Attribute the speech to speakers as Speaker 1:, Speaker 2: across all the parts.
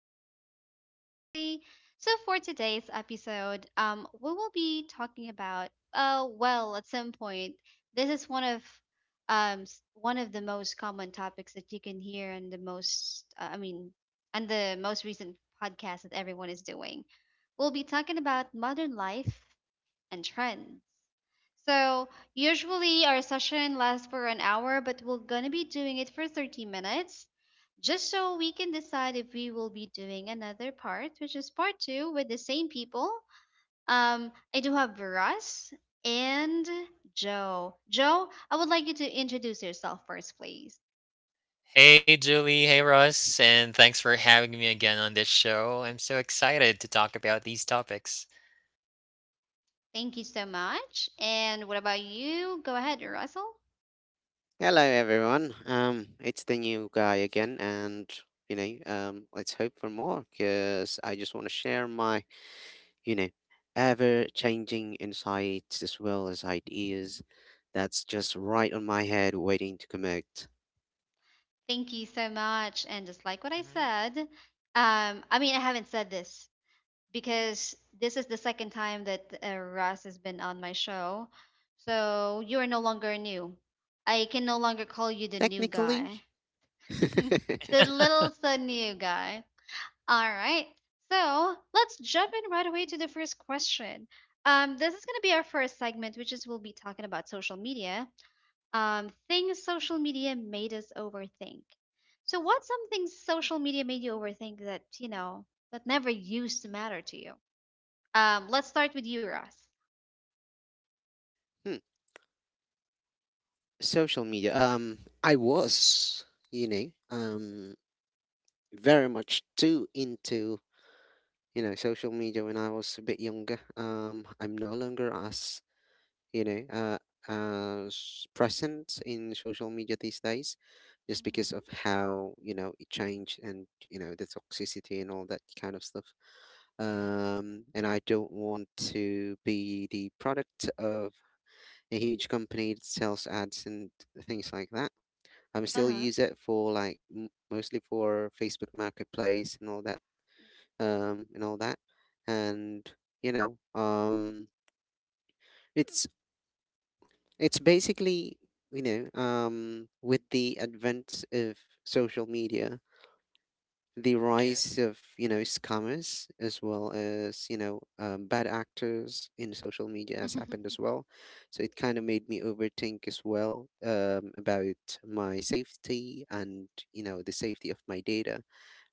Speaker 1: And this is your host Julie. So for today's episode, we will be talking about well, at some point. This is one of one of the most common topics that you can hear and the most and the most recent podcast that everyone is doing. We'll be talking about modern life and trends. So, usually our session lasts for an hour, but we're gonna be doing it for 30 minutes just so we can decide if we will be doing another part, which is part two with the same people. I do have Veras and Joe. Joe, I would like you to introduce yourself first, please.
Speaker 2: Hey, Julie. Hey, Russ. And thanks for having me again on this show. I'm so excited to talk about these topics.
Speaker 1: Thank you so much. And what about you? Go ahead, Russell.
Speaker 3: Hello, everyone. It's the new guy again, and let's hope for more because I just want to share my, you know, ever changing insights as well as ideas that's just right on my head waiting to connect.
Speaker 1: Thank you so much. And just like what I
Speaker 2: hmm
Speaker 1: said, I haven't said this because this is the second time that Russ has been on my show. So you are no longer new. I can no longer call you the new
Speaker 3: Technically,
Speaker 1: guy, the little so new guy. All right. So let's jump in right away to the first question. This is going to be our first segment, which is we'll be talking about social media, things social media made us overthink. So, what's something social media made you overthink that you know that never used to matter to you? Let's start with you, Ross.
Speaker 3: hmm, social media. I was, you know, um, very much too into, social media when I was a bit younger. I'm no longer as you know, uh, present in social media these days, just because of how it changed and the toxicity and all that kind of stuff.
Speaker 2: hmm
Speaker 3: And I don't want to be the product of a huge company that sells ads and things like that. I'm
Speaker 1: Mm-hmm. Uh
Speaker 3: still
Speaker 1: huh.
Speaker 3: use it for like mostly for Facebook Marketplace and all that, and all that, and you know, um, it's It's basically, with the advent of social media, the
Speaker 2: Yeah.
Speaker 3: rise of, scammers as well as, bad actors in social media has happened as well. So it kind of made me overthink as well about my safety, and, the safety of my data,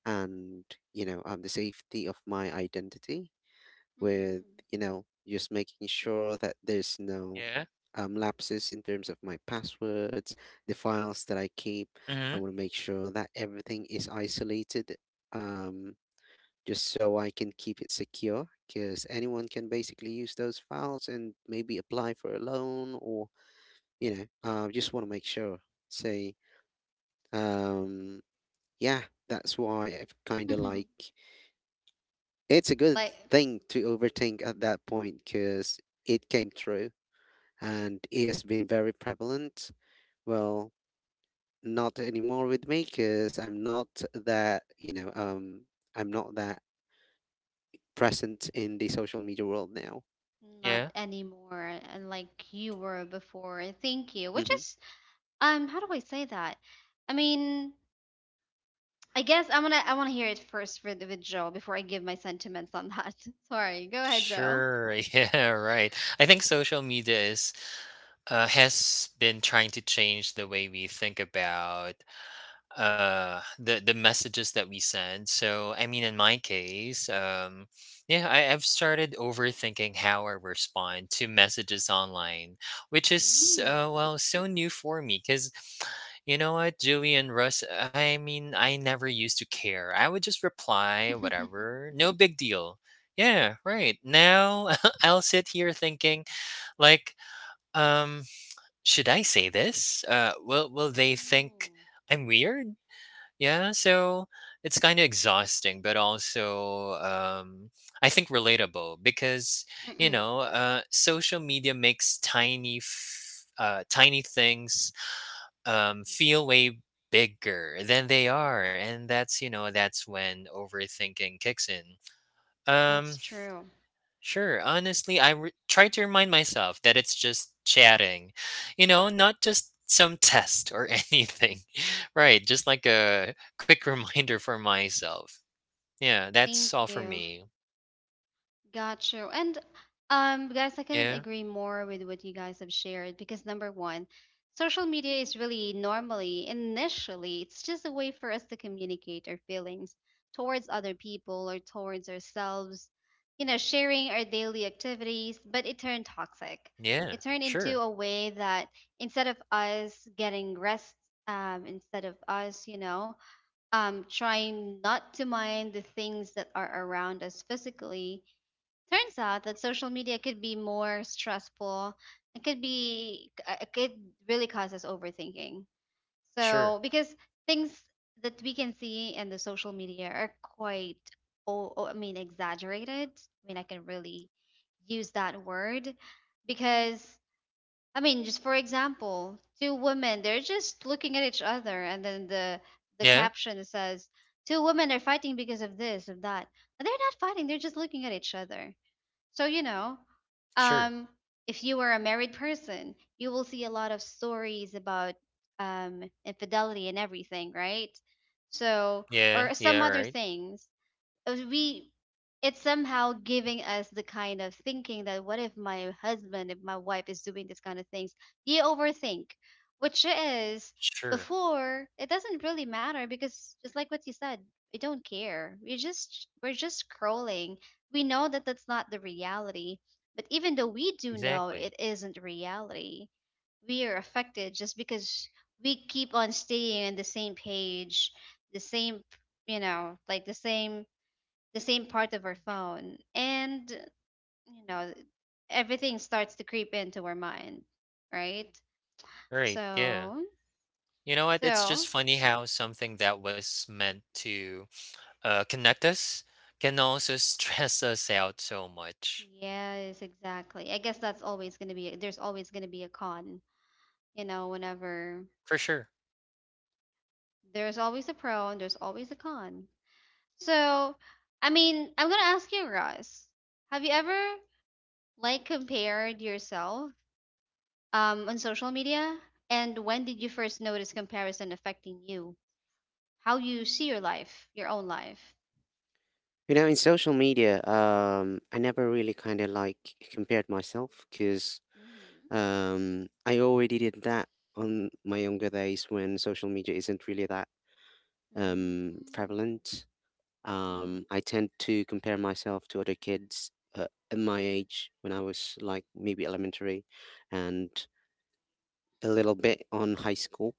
Speaker 3: and, the safety of my identity, with just making sure that there's no
Speaker 2: Yeah.
Speaker 3: lapses in terms of my passwords, the files that I keep. I
Speaker 2: hmm
Speaker 3: want to make sure that everything is isolated, um, just so I can keep it secure. Because anyone can basically use those files and maybe apply for a loan, or just want to make sure. Say, um, yeah, that's why I've kind of
Speaker 1: Mm-hmm.
Speaker 3: like it's a good
Speaker 1: Like,
Speaker 3: thing to overthink at that point, because it came true and it has been very prevalent. Well, not anymore with me, because I'm not that present in the social media world now.
Speaker 1: not
Speaker 2: Yeah.
Speaker 1: anymore and like you were before. Thank you. Which
Speaker 3: hmm
Speaker 1: is, how do I say that? i mean I guess I want to hear it first with, Joe before I give my sentiments on that. Sorry, go ahead, Joe.
Speaker 2: Sure. Yeah. Right. I think social media is has been trying to change the way we think about the messages that we send. I mean, in my case, yeah I've started overthinking how I respond to messages online, which is, uh,
Speaker 1: Mm.
Speaker 2: well so new for me because, you know what, Julie and Russ, I mean, I never used to care. I would just reply whatever, no big deal. Yeah, right now I'll sit here thinking, like um should I say this? Will they think
Speaker 1: Oh,
Speaker 2: I'm weird? Yeah, so it's kind of exhausting, but also I think relatable because,
Speaker 1: mm-mm,
Speaker 2: social media makes tiny things feel way bigger than they are, and that's, you know, that's when overthinking kicks in. Um,
Speaker 1: that's true.
Speaker 2: Sure. Honestly, I try to remind myself that it's just chatting, you know, not just some test or anything. Right. Just like a quick reminder for myself. Yeah. That's
Speaker 1: Thank
Speaker 2: all for
Speaker 1: you.
Speaker 2: me.
Speaker 1: Got you. And guys, I couldn't
Speaker 2: Yeah.
Speaker 1: agree more with what you guys have shared because number one, social media is really normally, initially, it's just a way for us to communicate our feelings towards other people or towards ourselves, you know, sharing our daily activities, but it turned toxic. It
Speaker 2: Yeah.
Speaker 1: turned into
Speaker 2: Sure.
Speaker 1: a way that instead of us getting rest, instead of us, you know, trying not to mind the things that are around us physically, turns out that social media could be more stressful. It could be, it could really cause us overthinking.
Speaker 2: Sure.
Speaker 1: So, because things that we can see in the social media are quite, exaggerated. I mean, I can really use that word because, I mean, just for example, two women, they're just looking at each other, and then the
Speaker 2: Yeah.
Speaker 1: caption says, two women are fighting because of this, of that. But they're not fighting, they're just looking at each other. So, you know,
Speaker 2: Sure.
Speaker 1: um, if you were a married person, you will see a lot of stories about infidelity and everything, right? So, or
Speaker 2: Yeah.
Speaker 1: some
Speaker 2: Yeah.
Speaker 1: other
Speaker 2: Right.
Speaker 1: things, we it's somehow giving us the kind of thinking that what if my husband, if my wife, is doing this kind of things. You overthink, which is
Speaker 2: Sure.
Speaker 1: before it doesn't really matter because just like what you said, we don't care, we're just scrolling. We know that that's not the reality, but even though we do know it
Speaker 2: Exactly.
Speaker 1: isn't reality, we are affected just because we keep on staying on the same page, the same, you know, like the same, part of our phone, and you know, everything starts to creep into our mind, right?
Speaker 2: Right. Yeah.
Speaker 1: So,
Speaker 2: You know what? It's just
Speaker 1: so
Speaker 2: funny how something that was meant to, connect us can also stress us out so much.
Speaker 1: yes, exactly. I guess that's always going to be, there's always going to be a con. You know, whenever,
Speaker 2: For sure.
Speaker 1: there's always a pro and there's always a con. So, I mean, I'm going to ask you, Ross, have you ever, like, compared yourself, on social media, and when did you first notice comparison affecting you, how you see your life, your own life?
Speaker 3: You know, in social media, I never really compared myself, because
Speaker 1: Mm-hmm.
Speaker 3: I already did that on my younger days when social media isn't really that
Speaker 1: Mm.
Speaker 3: prevalent.
Speaker 1: Mm-hmm.
Speaker 3: I tend to compare myself to other kids, at my age when I was like maybe elementary and a little bit on high school.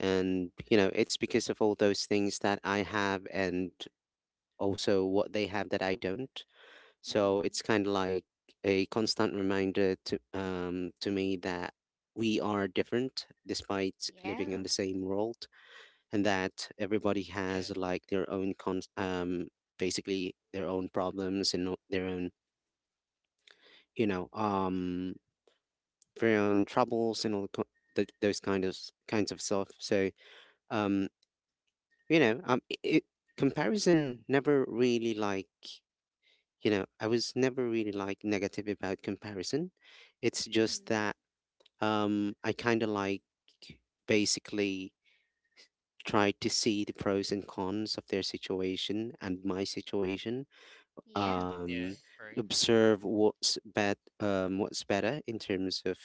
Speaker 3: And, it's because of all those things that I have, and also what they have that I don't. So
Speaker 1: Mm-hmm.
Speaker 3: it's kind of like a constant reminder to me that we are different despite living
Speaker 1: Yeah.
Speaker 3: in the same world, and that everybody
Speaker 2: Yeah,
Speaker 3: has like their own con basically their own problems, and you know um their own troubles, and all those kinds of stuff. So, um you know um i it, comparison never really like, I was never really like negative about comparison. It's just
Speaker 1: Mm-hmm.
Speaker 3: that, um I basically try to see the pros and cons of their situation and my situation,
Speaker 1: Yeah.
Speaker 2: yeah,
Speaker 3: um
Speaker 2: right.
Speaker 3: observe what's better in terms of,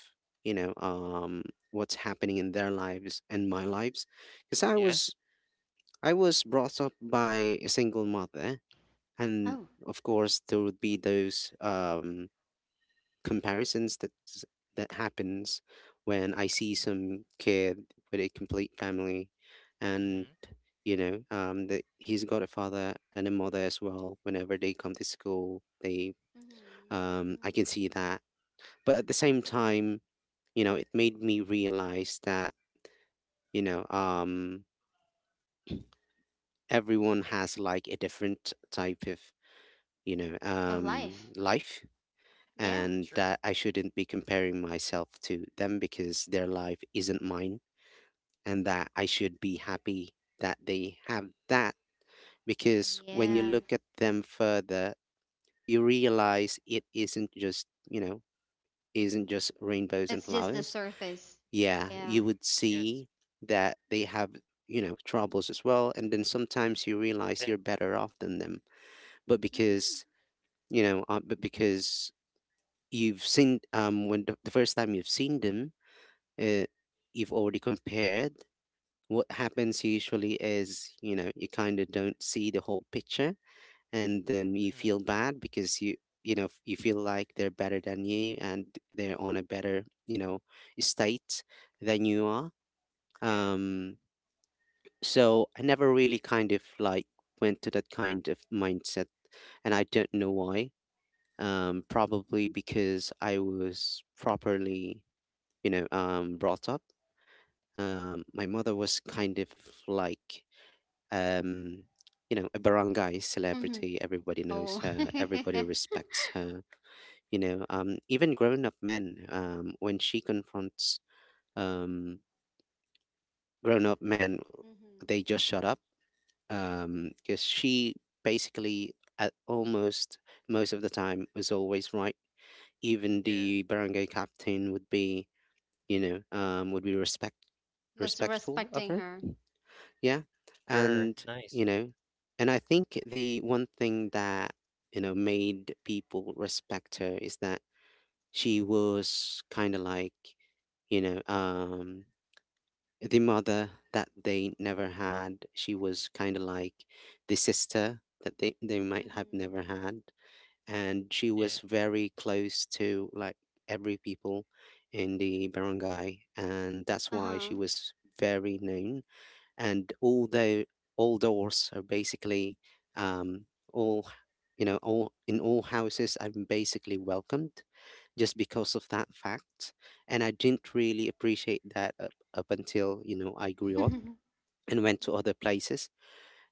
Speaker 3: you know um what's happening in their lives and my lives, because i
Speaker 2: Yeah.
Speaker 3: was i was brought up by a single mother. And
Speaker 1: Oh.
Speaker 3: of course there would be those comparisons that happens when I see some kid with a complete family, and,
Speaker 2: Mm-hmm.
Speaker 3: that he's got a father and a mother as well. Whenever they come to school, they
Speaker 1: Mm-hmm.
Speaker 3: I can see
Speaker 1: Mm.
Speaker 3: that. But at the same time, it made me realize that, you know, um, everyone has like a different type of,
Speaker 1: Of life.
Speaker 3: life.
Speaker 1: Yeah.
Speaker 3: And
Speaker 2: Sure.
Speaker 3: that I shouldn't be comparing myself to them, because their life isn't mine. And that I should be happy that they have that. Because when you
Speaker 1: Yes.
Speaker 3: look at them further, you realize it isn't just, you know, isn't just rainbows and
Speaker 1: It's just the
Speaker 3: flowers.
Speaker 1: surface.
Speaker 3: Yeah,
Speaker 1: Yeah.
Speaker 3: you would
Speaker 2: Yes,
Speaker 3: see that they have, troubles as well, and then sometimes you realize you're
Speaker 2: exactly.
Speaker 3: better off than them, but because
Speaker 1: Mm-hmm.
Speaker 3: you know, uh, but because you've seen, when the first time you've seen them, uh, you've already compared. What happens usually is, you kind of don't see the whole picture, and then you
Speaker 2: hmm
Speaker 3: feel bad, because you feel like they're better than you, and they're on a better, state than you are.
Speaker 2: Yeah,
Speaker 3: um So I never really went to that kind of mindset, and I don't know why. Probably because I was properly, brought up. My mother was kind of like, um, a barangay
Speaker 1: Mm-hmm.
Speaker 3: celebrity. Everybody knows
Speaker 1: Oh.
Speaker 3: her. Everybody
Speaker 1: Mm-hmm.
Speaker 3: respects her. Even grown-up men. When she confronts, um, grown-up men, they just shut up, because she basically at almost most of the time was always right. Even
Speaker 2: yeah.
Speaker 3: the barangay captain would be
Speaker 1: Just
Speaker 3: respectful of
Speaker 1: respecting
Speaker 3: her,
Speaker 1: her.
Speaker 3: yeah.
Speaker 2: Sure.
Speaker 3: And,
Speaker 2: Nice.
Speaker 3: you know I think the one thing that, made people respect her, is that she was kind of like you know um the mother that they never had. She was kind of like the sister that they might have
Speaker 1: Mm-hmm.
Speaker 3: never had. And she
Speaker 2: Yeah.
Speaker 3: was very close to like every people in the barangay. And that's why she
Speaker 1: Uh-huh.
Speaker 3: was very known. And all doors are basically, um, all you know all in all houses I'm basically welcomed, just because of that fact. And I didn't really appreciate that up until, I grew up and went to other places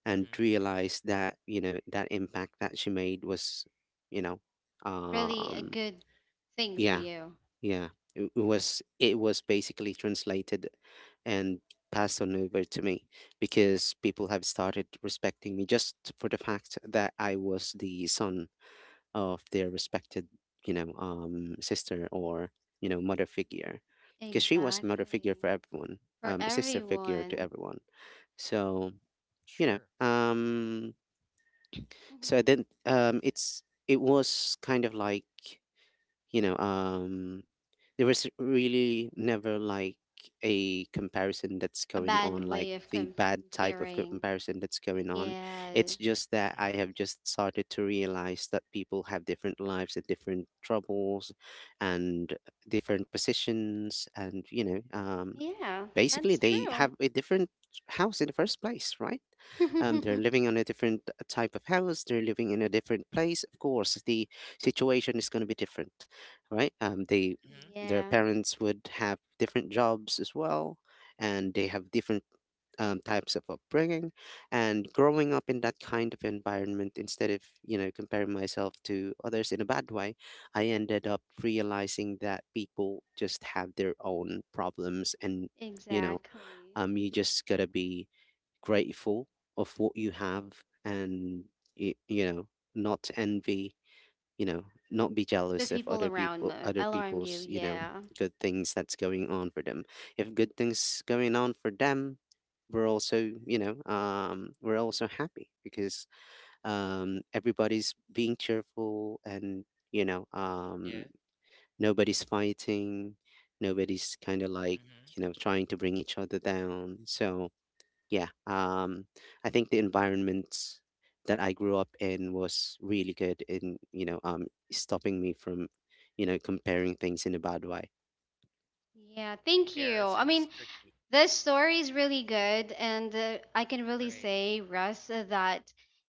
Speaker 3: and
Speaker 2: Mm-hmm.
Speaker 3: realized that, that impact that she made was, you know,
Speaker 1: Really a
Speaker 3: um,
Speaker 1: good thing for
Speaker 3: yeah,
Speaker 1: you.
Speaker 3: yeah. It was basically translated and passed on over to me, because people have started respecting me just for the fact that I was the son of their respected, sister, or, mother figure. Because she was a mother figure for
Speaker 1: Exactly.
Speaker 3: everyone,
Speaker 1: For
Speaker 3: a sister figure to
Speaker 1: everyone.
Speaker 3: everyone. So, you know,
Speaker 2: Sure.
Speaker 3: um, so I
Speaker 1: Mhm.
Speaker 3: didn't, it was kind of like, you know um there was really never like a comparison that's
Speaker 1: A
Speaker 3: going
Speaker 1: bad
Speaker 3: on, like
Speaker 1: way of
Speaker 3: the bad type of
Speaker 1: comparing.
Speaker 3: comparison that's going on.
Speaker 1: Yes.
Speaker 3: It's just that I
Speaker 2: Mm-hmm.
Speaker 3: have just started to realize that people have different lives and different troubles and different positions, and,
Speaker 1: Yeah,
Speaker 3: basically
Speaker 1: that's
Speaker 3: they
Speaker 1: true.
Speaker 3: have a different house in the first place, right? They're living on a different, type of house. They're living in a different place. Of course, the situation is going to be different, right?
Speaker 2: Mm-hmm.
Speaker 3: Their
Speaker 1: Yeah,
Speaker 3: parents would have different jobs as well, and they have different, types of upbringing. And growing up in that kind of environment, instead of, comparing myself to others in a bad way, I ended up realizing that people just have their own problems, and, you know
Speaker 1: exactly.
Speaker 3: you just gotta be grateful of what you have, and you know not envy, you know not be
Speaker 1: The
Speaker 3: jealous of
Speaker 1: people around me
Speaker 3: other
Speaker 1: alarmed you.
Speaker 3: people's,
Speaker 1: Yeah.
Speaker 3: good things that's going on for them. If good things going on for them, we're also happy, because, everybody's being cheerful, and, you know um
Speaker 2: Yeah.
Speaker 3: nobody's fighting, nobody's
Speaker 2: Mm-hmm.
Speaker 3: trying to bring each other down. So, yeah, I think the environment that I grew up in was really good in, stopping me from, comparing things in a bad way.
Speaker 1: Yeah, thank you. I
Speaker 2: Comparison is
Speaker 1: mean,
Speaker 2: tricky.
Speaker 1: this story is really good, and I can really
Speaker 2: Right.
Speaker 1: say, Russ, that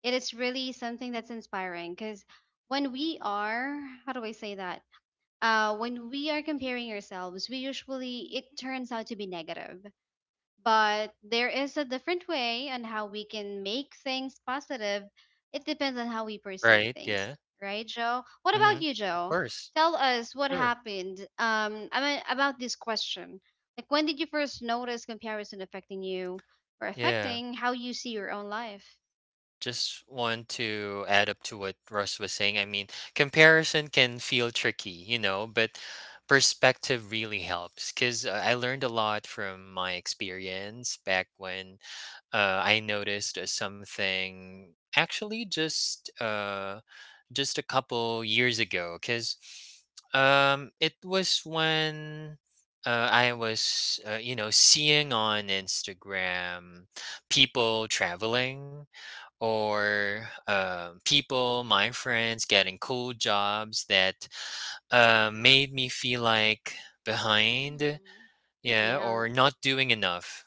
Speaker 1: it is really something that's inspiring because when we are, how do I say that? When we are comparing ourselves, we usually, it turns out to be negative. But there is a different way on how we can make things positive. It depends on how we perceive
Speaker 2: Right.
Speaker 1: things,
Speaker 2: Yeah.
Speaker 1: right, Joe? What
Speaker 2: Mm-hmm.
Speaker 1: about you,
Speaker 2: Of
Speaker 1: Joe?
Speaker 2: course.
Speaker 1: Tell us what
Speaker 2: Sure.
Speaker 1: happened. About this question. Like, when did you first notice comparison affecting you or
Speaker 2: Yeah.
Speaker 1: affecting how you see your own life?
Speaker 2: Just want to add up to what Russ was saying. I mean, comparison can feel tricky, you know, but perspective really helps because I learned a lot from my experience back when, I noticed, something actually just a couple years ago because, it was when, I was, you know, seeing on Instagram people traveling, or people, my friends, getting cool jobs that, made me feel like behind,
Speaker 1: Mm-hmm.
Speaker 2: yeah, or
Speaker 1: Yeah.
Speaker 2: not doing enough.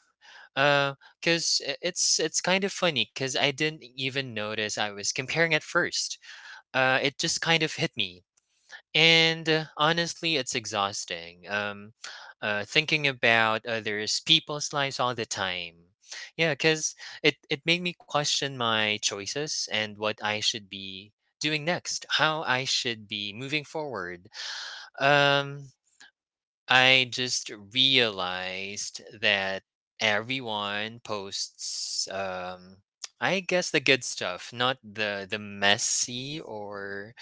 Speaker 2: Uh, cause I- it's kind of funny, cause I didn't even notice I was comparing at first. It just kind of hit me, and, honestly, it's exhausting. Thinking about others' people's lives all the time. Yeah, cause it made me question my choices and what I should be doing next, how I should be moving forward. Um, I just realized that everyone posts, I guess the good stuff, not the messy or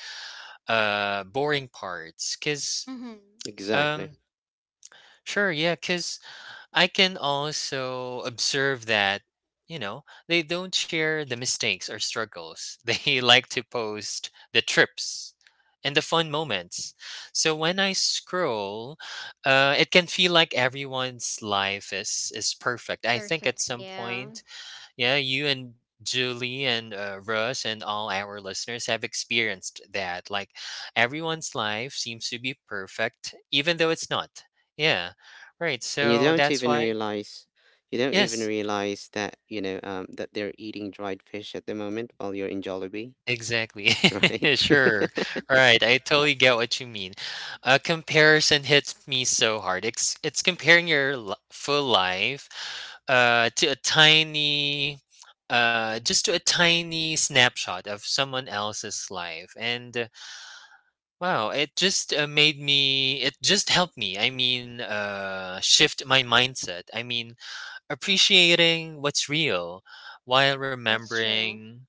Speaker 2: boring parts, cuz
Speaker 1: Mm-hmm.
Speaker 2: um
Speaker 3: Exactly.
Speaker 2: sure yeah cuz I can also observe that, you know, they don't share the mistakes or struggles. They like to post the trips and the fun moments. So when I scroll, it can feel like everyone's life is perfect. I think at
Speaker 1: Perfect.
Speaker 2: some
Speaker 1: Yeah.
Speaker 2: point, yeah, you and Julie and, Russ and all our listeners have experienced that. Like everyone's life seems to be perfect, even though it's not. Yeah. Right.
Speaker 3: And you
Speaker 2: So
Speaker 3: don't
Speaker 2: that's
Speaker 3: even
Speaker 2: why,
Speaker 3: realize you don't even
Speaker 2: yes,
Speaker 3: realize that, that they're eating dried fish at the moment while you're in Jollibee,
Speaker 2: exactly.
Speaker 3: right?
Speaker 2: Sure. Right, I totally get what you mean. A comparison hits me so hard. It's comparing your li full life, to a tiny just to a tiny snapshot of someone else's life. And, wow, it just, helped me. I mean, uh, shift my mindset. I mean, appreciating what's real while
Speaker 1: That's true.
Speaker 2: remembering,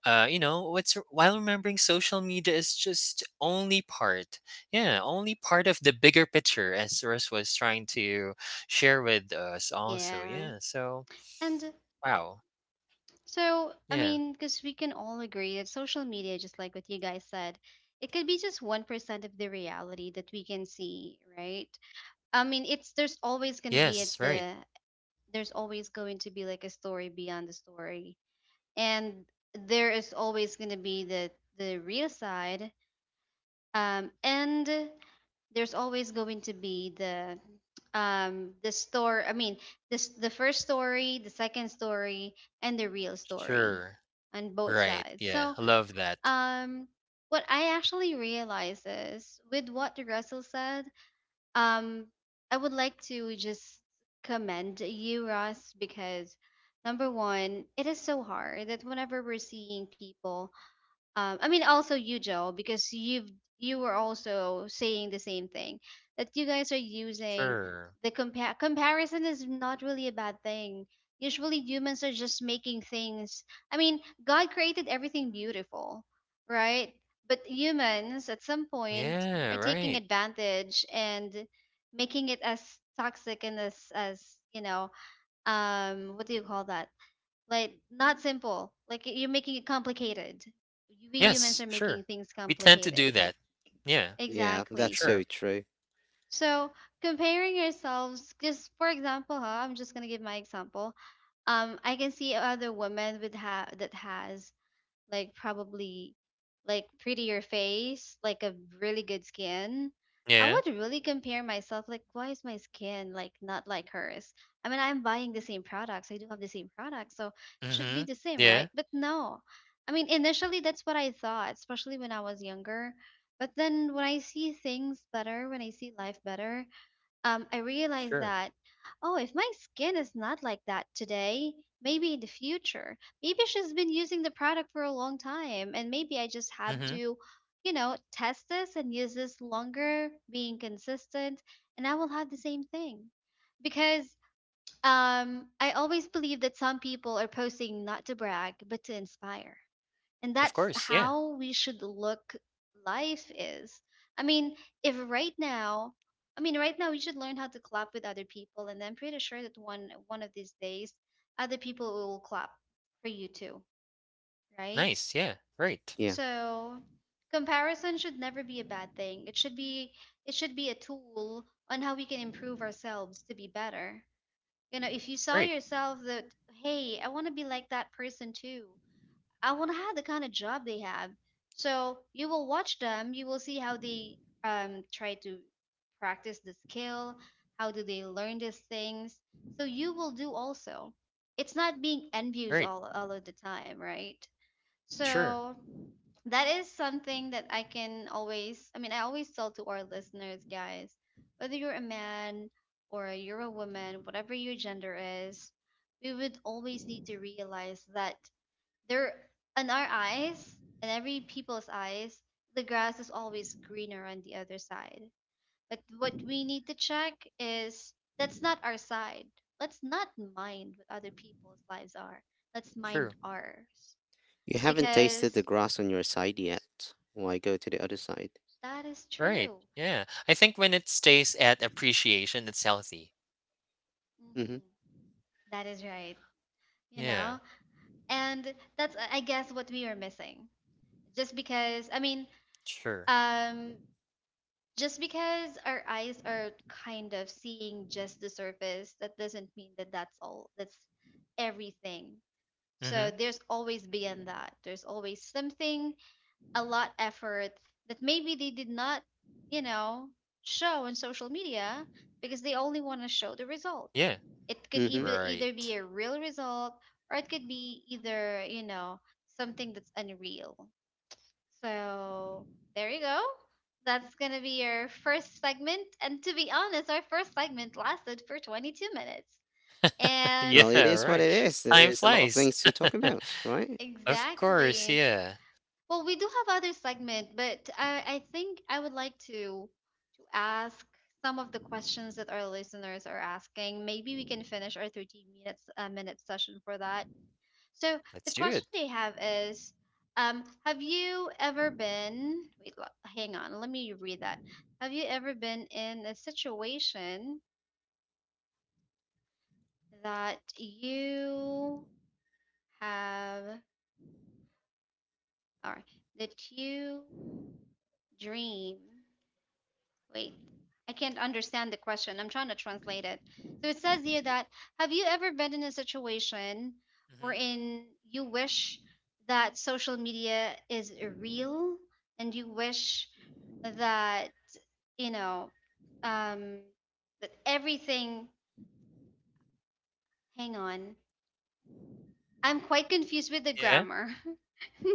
Speaker 2: you know, what's while remembering social media is just only part, yeah, only part of the bigger picture, as Russ was trying to share with us, also,
Speaker 1: Yeah.
Speaker 2: yeah. So,
Speaker 1: And
Speaker 2: wow,
Speaker 1: so, I
Speaker 2: yeah,
Speaker 1: mean, because we can all agree that social media, just like what you guys said, it could be just 1% of the reality that we can see, right? I mean, it's, there's always going to be at
Speaker 2: yes, right,
Speaker 1: the, there's always going to be like a story beyond the story. And there is always going to be the real side, and there's always going to be the, the store I mean this, the first story, the second story, and the real story
Speaker 2: sure,
Speaker 1: on both
Speaker 2: right,
Speaker 1: sides.
Speaker 2: yeah,
Speaker 1: So,
Speaker 2: love that,
Speaker 1: um what I actually realize is with what Russell said. um I would like to just commend you, Russ, because number one, it is so hard that whenever we're seeing people, also you, Joe, because you've, you were also saying the same thing, that you guys are using
Speaker 2: sure,
Speaker 1: the compare comparison is not really a bad thing. Usually humans are just making things. I mean, God created everything beautiful, right? But humans at some point
Speaker 2: yeah,
Speaker 1: are taking
Speaker 2: right,
Speaker 1: advantage and making it as toxic and as, what do you call that, like not simple, like you're making it complicated. We humans
Speaker 2: yes,
Speaker 1: are making
Speaker 2: sure.
Speaker 1: things
Speaker 2: We tend to do
Speaker 1: complicated,
Speaker 2: that, yeah,
Speaker 3: Yeah,
Speaker 1: exactly.
Speaker 3: that's so
Speaker 2: sure,
Speaker 3: true.
Speaker 1: So comparing yourselves, just for example, huh, I'm just gonna give my example. I can see other women with that has, like, probably, like, prettier face, like a really good skin. I
Speaker 2: yeah,
Speaker 1: would really compare myself like why is my skin like not like hers? I mean, I'm buying the same products. I do have the same products, so it should be
Speaker 2: mm-hmm,
Speaker 1: the same, right?
Speaker 2: yeah,
Speaker 1: But no. I mean, initially that's what I thought, especially when I was younger. But then when I see things better, when I see life better, I realized
Speaker 2: sure,
Speaker 1: that, oh, if my skin is not like that today, maybe in the future, maybe she's been using the product for a long time, and maybe I just have
Speaker 2: mm-hmm,
Speaker 1: to, you know, test this and use this longer, being consistent, and I will have the same thing. Because I always believe that some people are posting not to brag, but to inspire, and
Speaker 2: of
Speaker 1: that's
Speaker 2: course, yeah,
Speaker 1: how we should look. Life is, i mean if right now, I mean right now, we should learn how to clap with other people, and I'm pretty sure that one of these days other people will clap for you too, right?
Speaker 2: nice, yeah, right,
Speaker 3: Yeah.
Speaker 1: So comparison should never be a bad thing. It should be, it should be a tool on how we can improve ourselves to be better. You know, if you saw
Speaker 2: right,
Speaker 1: yourself that, hey, I want to be like that person too, I want to have the kind of job they have. So you will watch them, you will see how they, try to practice the skill, how do they learn these things. So you will do also. It's not being envious
Speaker 2: right.
Speaker 1: all of the time, right?
Speaker 2: True.
Speaker 1: So that is something that I can always, I mean, I always tell to our listeners, guys, whether you're a man or you're a woman, whatever your gender is, we would always need to realize that there, in our eyes, in every people's eyes, the grass is always greener on the other side. But what we need to check is that's not our side. Let's not mind what other people's lives are. Let's mind
Speaker 2: True.
Speaker 1: ours
Speaker 3: You haven't tasted the
Speaker 1: because
Speaker 3: grass on your side yet. Why go to the other side?
Speaker 1: that is
Speaker 2: Right.
Speaker 1: true.
Speaker 2: Yeah. I think when it stays at appreciation, it's healthy.
Speaker 3: Mm-hmm.
Speaker 1: Mhm. That is right. You
Speaker 2: Yeah,
Speaker 1: know, and that's I guess what we are missing. Just because, I mean,
Speaker 2: sure.
Speaker 1: um, just because our eyes are kind of seeing just the surface, that doesn't mean that that's all, that's everything.
Speaker 2: Mm-hmm.
Speaker 1: So there's always beyond that, there's always something, a lot effort that maybe they did not, you know, show on social media because they only want to show the result.
Speaker 2: Yeah,
Speaker 1: It could
Speaker 3: Mm-hmm.
Speaker 1: either,
Speaker 2: right.
Speaker 1: be a real result, or it could be either, you know, something that's unreal. So there you go. That's gonna be your first segment. And to be honest, our first segment lasted for 22 minutes. And
Speaker 3: Well, it
Speaker 2: Yeah,
Speaker 3: is what
Speaker 2: right.
Speaker 3: it is.
Speaker 2: Time
Speaker 3: There's a lot of
Speaker 2: flies.
Speaker 3: things to talk about, right?
Speaker 2: Of course,
Speaker 1: exactly.
Speaker 2: yeah.
Speaker 1: Well, we do have other segment, but I think I would like to ask some of the questions that our listeners are asking. Maybe we can finish our 13 minute session for that. So
Speaker 2: Let's
Speaker 1: the
Speaker 2: do it.
Speaker 1: question they have is, have you ever been? Wait, hang on. Let me read that. Have you ever been in a situation that you have, or that you dream? Wait, I can't understand the question. I'm trying to translate it. So it says here that have you ever been in a situation
Speaker 2: hmm
Speaker 1: wherein you wish that social media is real and you wish that, you know, um, that everything, hang on, I'm quite confused with the
Speaker 2: Yeah,
Speaker 1: grammar.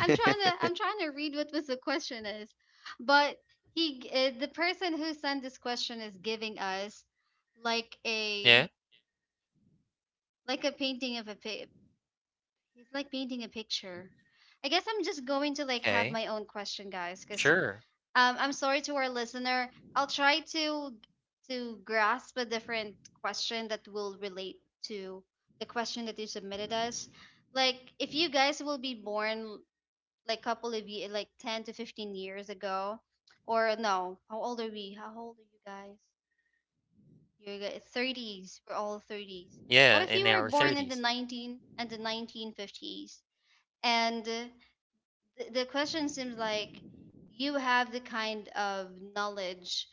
Speaker 1: I'm trying to I'm trying to read what was the question is, but the person who sent this question is giving us like
Speaker 2: yeah.
Speaker 1: a painting of a pic. He's like painting a picture. I guess I'm just going to like have
Speaker 2: Okay,
Speaker 1: my own question, guys, because
Speaker 2: sure.
Speaker 1: I'm sorry to our listener. I'll try to grasp a different question that will relate to the question that you submitted us. Like, if you guys will be born like couple of ye like 10 to 15 years ago, or no, how old are we? How old are you guys? Thirties. We're all thirties. What
Speaker 2: Yeah,
Speaker 1: if
Speaker 2: in
Speaker 1: you were
Speaker 2: our
Speaker 1: born in the
Speaker 2: 30s.
Speaker 1: nineteen fifties? And the question seems like you have the kind of knowledge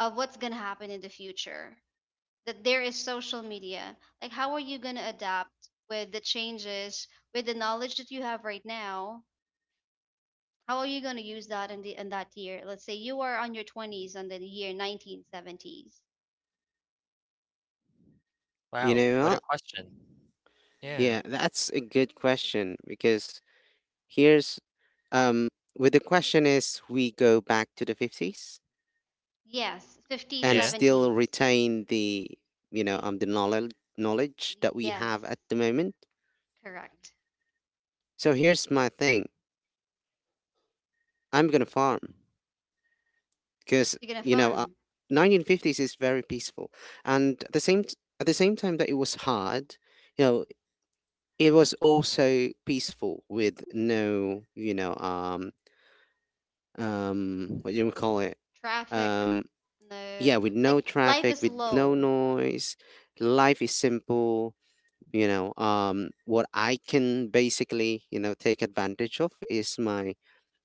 Speaker 1: of what's going to happen in the future, that there is social media. Like, how are you going to adapt with the changes, with the knowledge that you have right now? How are you going to use that in that year? Let's say you are on your 20s on the year 1970s.
Speaker 3: You
Speaker 2: Wow,
Speaker 3: know
Speaker 2: what a
Speaker 3: what?
Speaker 2: question. Yeah,
Speaker 3: Yeah,
Speaker 1: Mm-hmm.
Speaker 3: that's a good question, because here's um with the question is we go back to the 50s
Speaker 1: Yes. 50s.
Speaker 3: and
Speaker 2: yeah.
Speaker 3: still
Speaker 1: 70s.
Speaker 3: retain the,
Speaker 1: the,
Speaker 3: the knowledge that we have
Speaker 1: yes,
Speaker 3: at the moment.
Speaker 1: correct.
Speaker 3: So here's my thing, I'm gonna farm, because,
Speaker 1: You're going to farm.
Speaker 3: 1950s is very peaceful, and at the same time that it was hard. you know it was also peaceful, with no, what do you call it,
Speaker 1: Traffic.
Speaker 3: um
Speaker 1: No.
Speaker 3: yeah, with
Speaker 1: Like
Speaker 3: no
Speaker 1: life
Speaker 3: traffic,
Speaker 1: is
Speaker 3: with no
Speaker 1: low.
Speaker 3: noise. Life is simple. What I can basically, take advantage of is my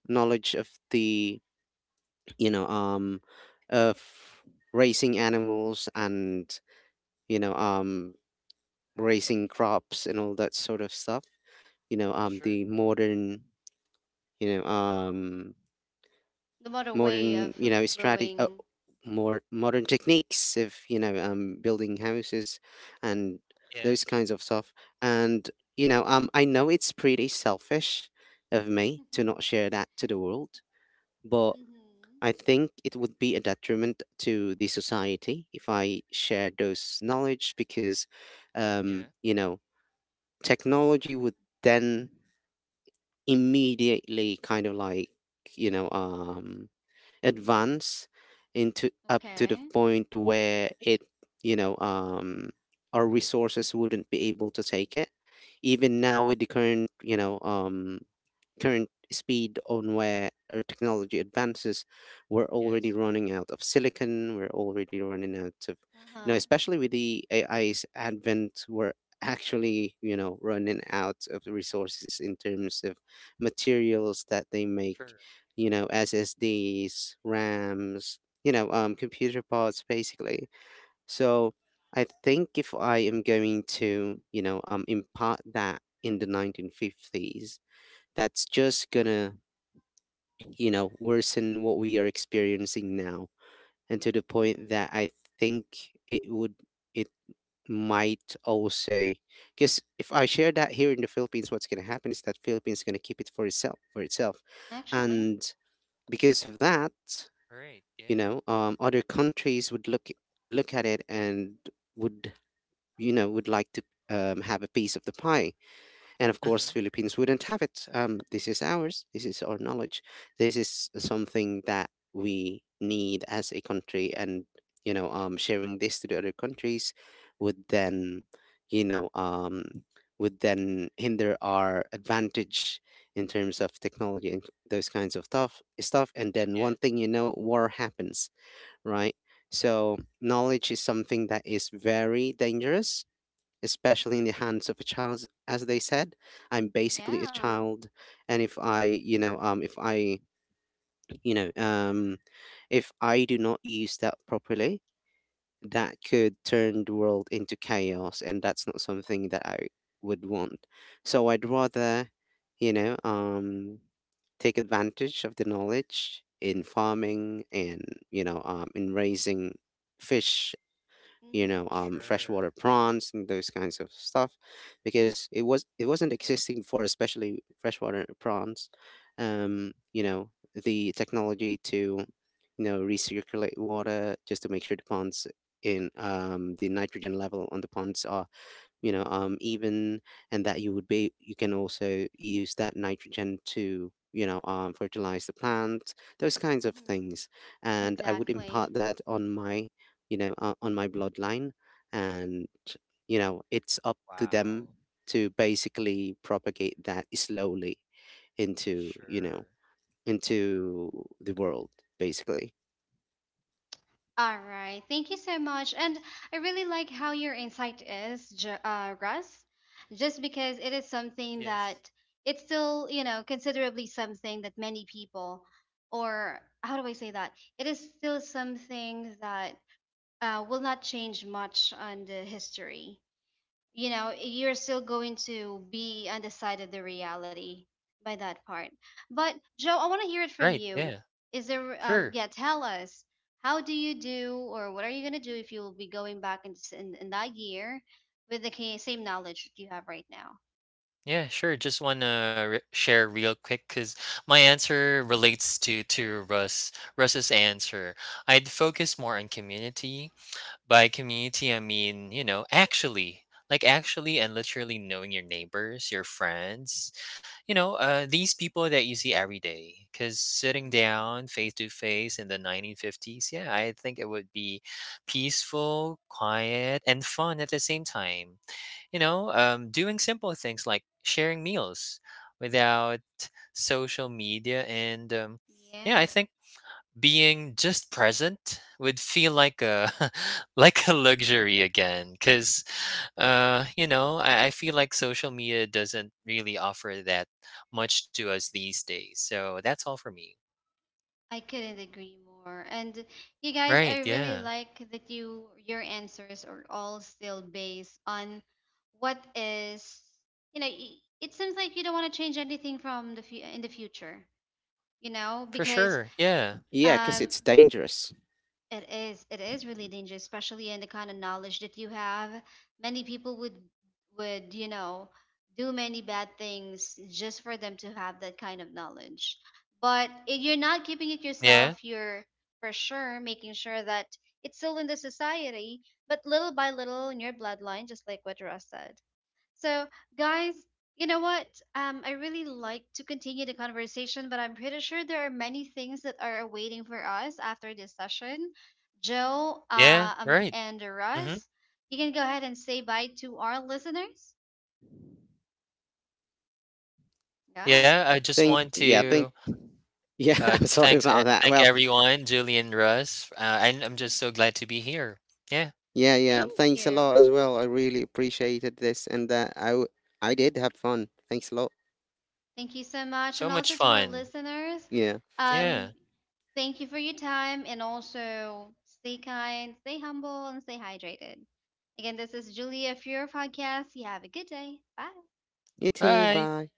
Speaker 3: knowledge of the you know of raising animals, and, you know um raising crops and all that sort of stuff.
Speaker 2: Sure.
Speaker 1: Hmm.
Speaker 3: The you know um
Speaker 1: The modern way
Speaker 3: modern,
Speaker 1: of, of
Speaker 3: strategy,
Speaker 1: growing.
Speaker 3: more modern techniques. If building houses and those
Speaker 2: Yes,
Speaker 3: kinds of stuff, and, I know it's pretty selfish of me to not share that to the world. But
Speaker 1: Mm-hmm.
Speaker 3: I think it would be a detriment to the society if I share those knowledge, because,
Speaker 2: yeah,
Speaker 3: um you know technology would then immediately kind of like you know um advance, into up to the
Speaker 1: Okay.
Speaker 3: point where it, you know um our resources wouldn't be able to take it. Even now with the current you know current speed on where our technology advances, we're already
Speaker 2: yes,
Speaker 3: running out of silicon. We're already running out of,
Speaker 1: Uh-huh.
Speaker 3: especially with the AI's advent, we're actually, running out of the resources in terms of materials that they make,
Speaker 2: sure.
Speaker 3: SSDs, RAMs, computer parts, basically. So I think if I am going to, impart that in the 1950s, that's just gonna, worsen what we are experiencing now. And to the point that I
Speaker 1: Mm-hmm.
Speaker 3: think it would, it might also, because if I share that here in the Philippines, what's gonna happen is that Philippines gonna keep it for itself,
Speaker 1: Actually,
Speaker 3: and because of that,
Speaker 2: Right, yeah.
Speaker 3: other countries would look at it, and would, would like to, have a piece of the pie. And of course,
Speaker 2: Mm-hmm.
Speaker 3: Philippines wouldn't have it. This is ours. This is our knowledge. This is something that we need as a country. And, sharing this to the other countries would then, you know, um, would then hinder our advantage in terms of technology and those kinds of stuff, and then one
Speaker 2: Yes,
Speaker 3: thing, war happens, right? So knowledge is something that is very dangerous, especially in the hands of a child, as they said. I'm basically a
Speaker 1: yeah.
Speaker 3: child. And if I you know um if I do not use that properly, that could turn the world into chaos, and that's not something that I would want. So I'd rather, you know um take advantage of the knowledge in
Speaker 1: But,
Speaker 3: farming, and, in raising fish,
Speaker 1: mm-hmm.
Speaker 2: sure.
Speaker 3: freshwater prawns and those kinds of stuff, because it wasn't existing before, especially freshwater prawns. um, you know the technology to, recirculate water just to make sure the ponds, in the nitrogen level on the ponds are, even, and that you would be you can also use that nitrogen to, fertilize the plant, those kinds of
Speaker 1: Mm-hmm.
Speaker 3: things. And I would
Speaker 1: Exactly.
Speaker 3: impart that on my bloodline, and, it's up to them
Speaker 2: Wow.
Speaker 3: to basically propagate that slowly, into you know
Speaker 2: Sure.
Speaker 3: into the world, basically.
Speaker 1: All right. Thank you so much. And I really like how your insight is, Russ, just because it is something that
Speaker 2: Yes.
Speaker 1: it's still, you know, considerably something that many people, or how do I say that? It is still something that will not change much on the history. You know, you're still going to be on the side of the reality by that part. But Joe, I want to hear it from
Speaker 2: Right.
Speaker 1: you.
Speaker 2: Yeah.
Speaker 1: Is there,
Speaker 2: Sure.
Speaker 1: yeah, tell us. How do you do, or what are you going to do if you'll be going back in that year with the same knowledge that you have right now?
Speaker 2: Yeah, sure. Just want to share real quick because my answer relates to Russ's answer. I'd focus more on community. By community, I mean, you know, actually, like actually and literally knowing your neighbors, your friends, you know, these people that you see every day. Because sitting
Speaker 1: Hmm.
Speaker 2: down face to face in the 1950s, yeah, I think it would be peaceful, quiet, and fun at the same time. You know, doing simple things like sharing meals without social media. And Yeah, I
Speaker 1: Yeah.
Speaker 2: think being just present would feel like a like a luxury again because, you know, I feel like social media doesn't really offer that much to us these days. So that's all for me.
Speaker 1: I couldn't agree more. And you guys, I
Speaker 2: Right,
Speaker 1: really
Speaker 2: yeah,
Speaker 1: like that your answers are all still based on what is, you know, it seems like you don't want to change anything in the future, you know,
Speaker 2: for
Speaker 1: because
Speaker 2: sure, yeah,
Speaker 3: Yeah, because
Speaker 1: um
Speaker 3: it's dangerous.
Speaker 1: it is. It is really dangerous, especially in the kind of knowledge that you have. Many people would would do many bad things just for them to have that kind of knowledge. But if you're not keeping it
Speaker 2: yeah,
Speaker 1: yourself, you're for sure making sure that it's still in the society, but little by little in your bloodline, just like what Ross said. So, guys, you know what? I really like to continue the conversation, but I'm pretty sure there are many things that are awaiting for us after this session. Joe,
Speaker 2: yeah, right.
Speaker 1: and
Speaker 2: hmm
Speaker 1: Russ, you can go ahead and say bye to our listeners. Go ahead.
Speaker 2: yeah, I just
Speaker 3: Think
Speaker 2: want
Speaker 3: yeah
Speaker 2: to,
Speaker 3: think Yeah,
Speaker 2: uh,
Speaker 3: I'm sorry
Speaker 2: thanks,
Speaker 3: about that.
Speaker 2: thank
Speaker 3: Well,
Speaker 2: everyone, Julian, Russ, I'm just so
Speaker 1: Hmm.
Speaker 2: glad to be here. Yeah,
Speaker 3: yeah, yeah.
Speaker 1: Thank
Speaker 3: Thanks a lot
Speaker 1: you.
Speaker 3: as well. I really appreciated this, and that I did have fun. Thanks a lot.
Speaker 1: Thank you so much.
Speaker 2: so
Speaker 1: And
Speaker 2: much
Speaker 1: also to our
Speaker 2: fun.
Speaker 1: listeners,
Speaker 3: Yeah.
Speaker 1: um,
Speaker 2: Yeah.
Speaker 1: thank you for your time. And also stay kind, stay humble, and stay hydrated. Again, this is Julia for your podcast. You have a good day. Bye.
Speaker 3: You too.
Speaker 2: Bye.
Speaker 3: Bye.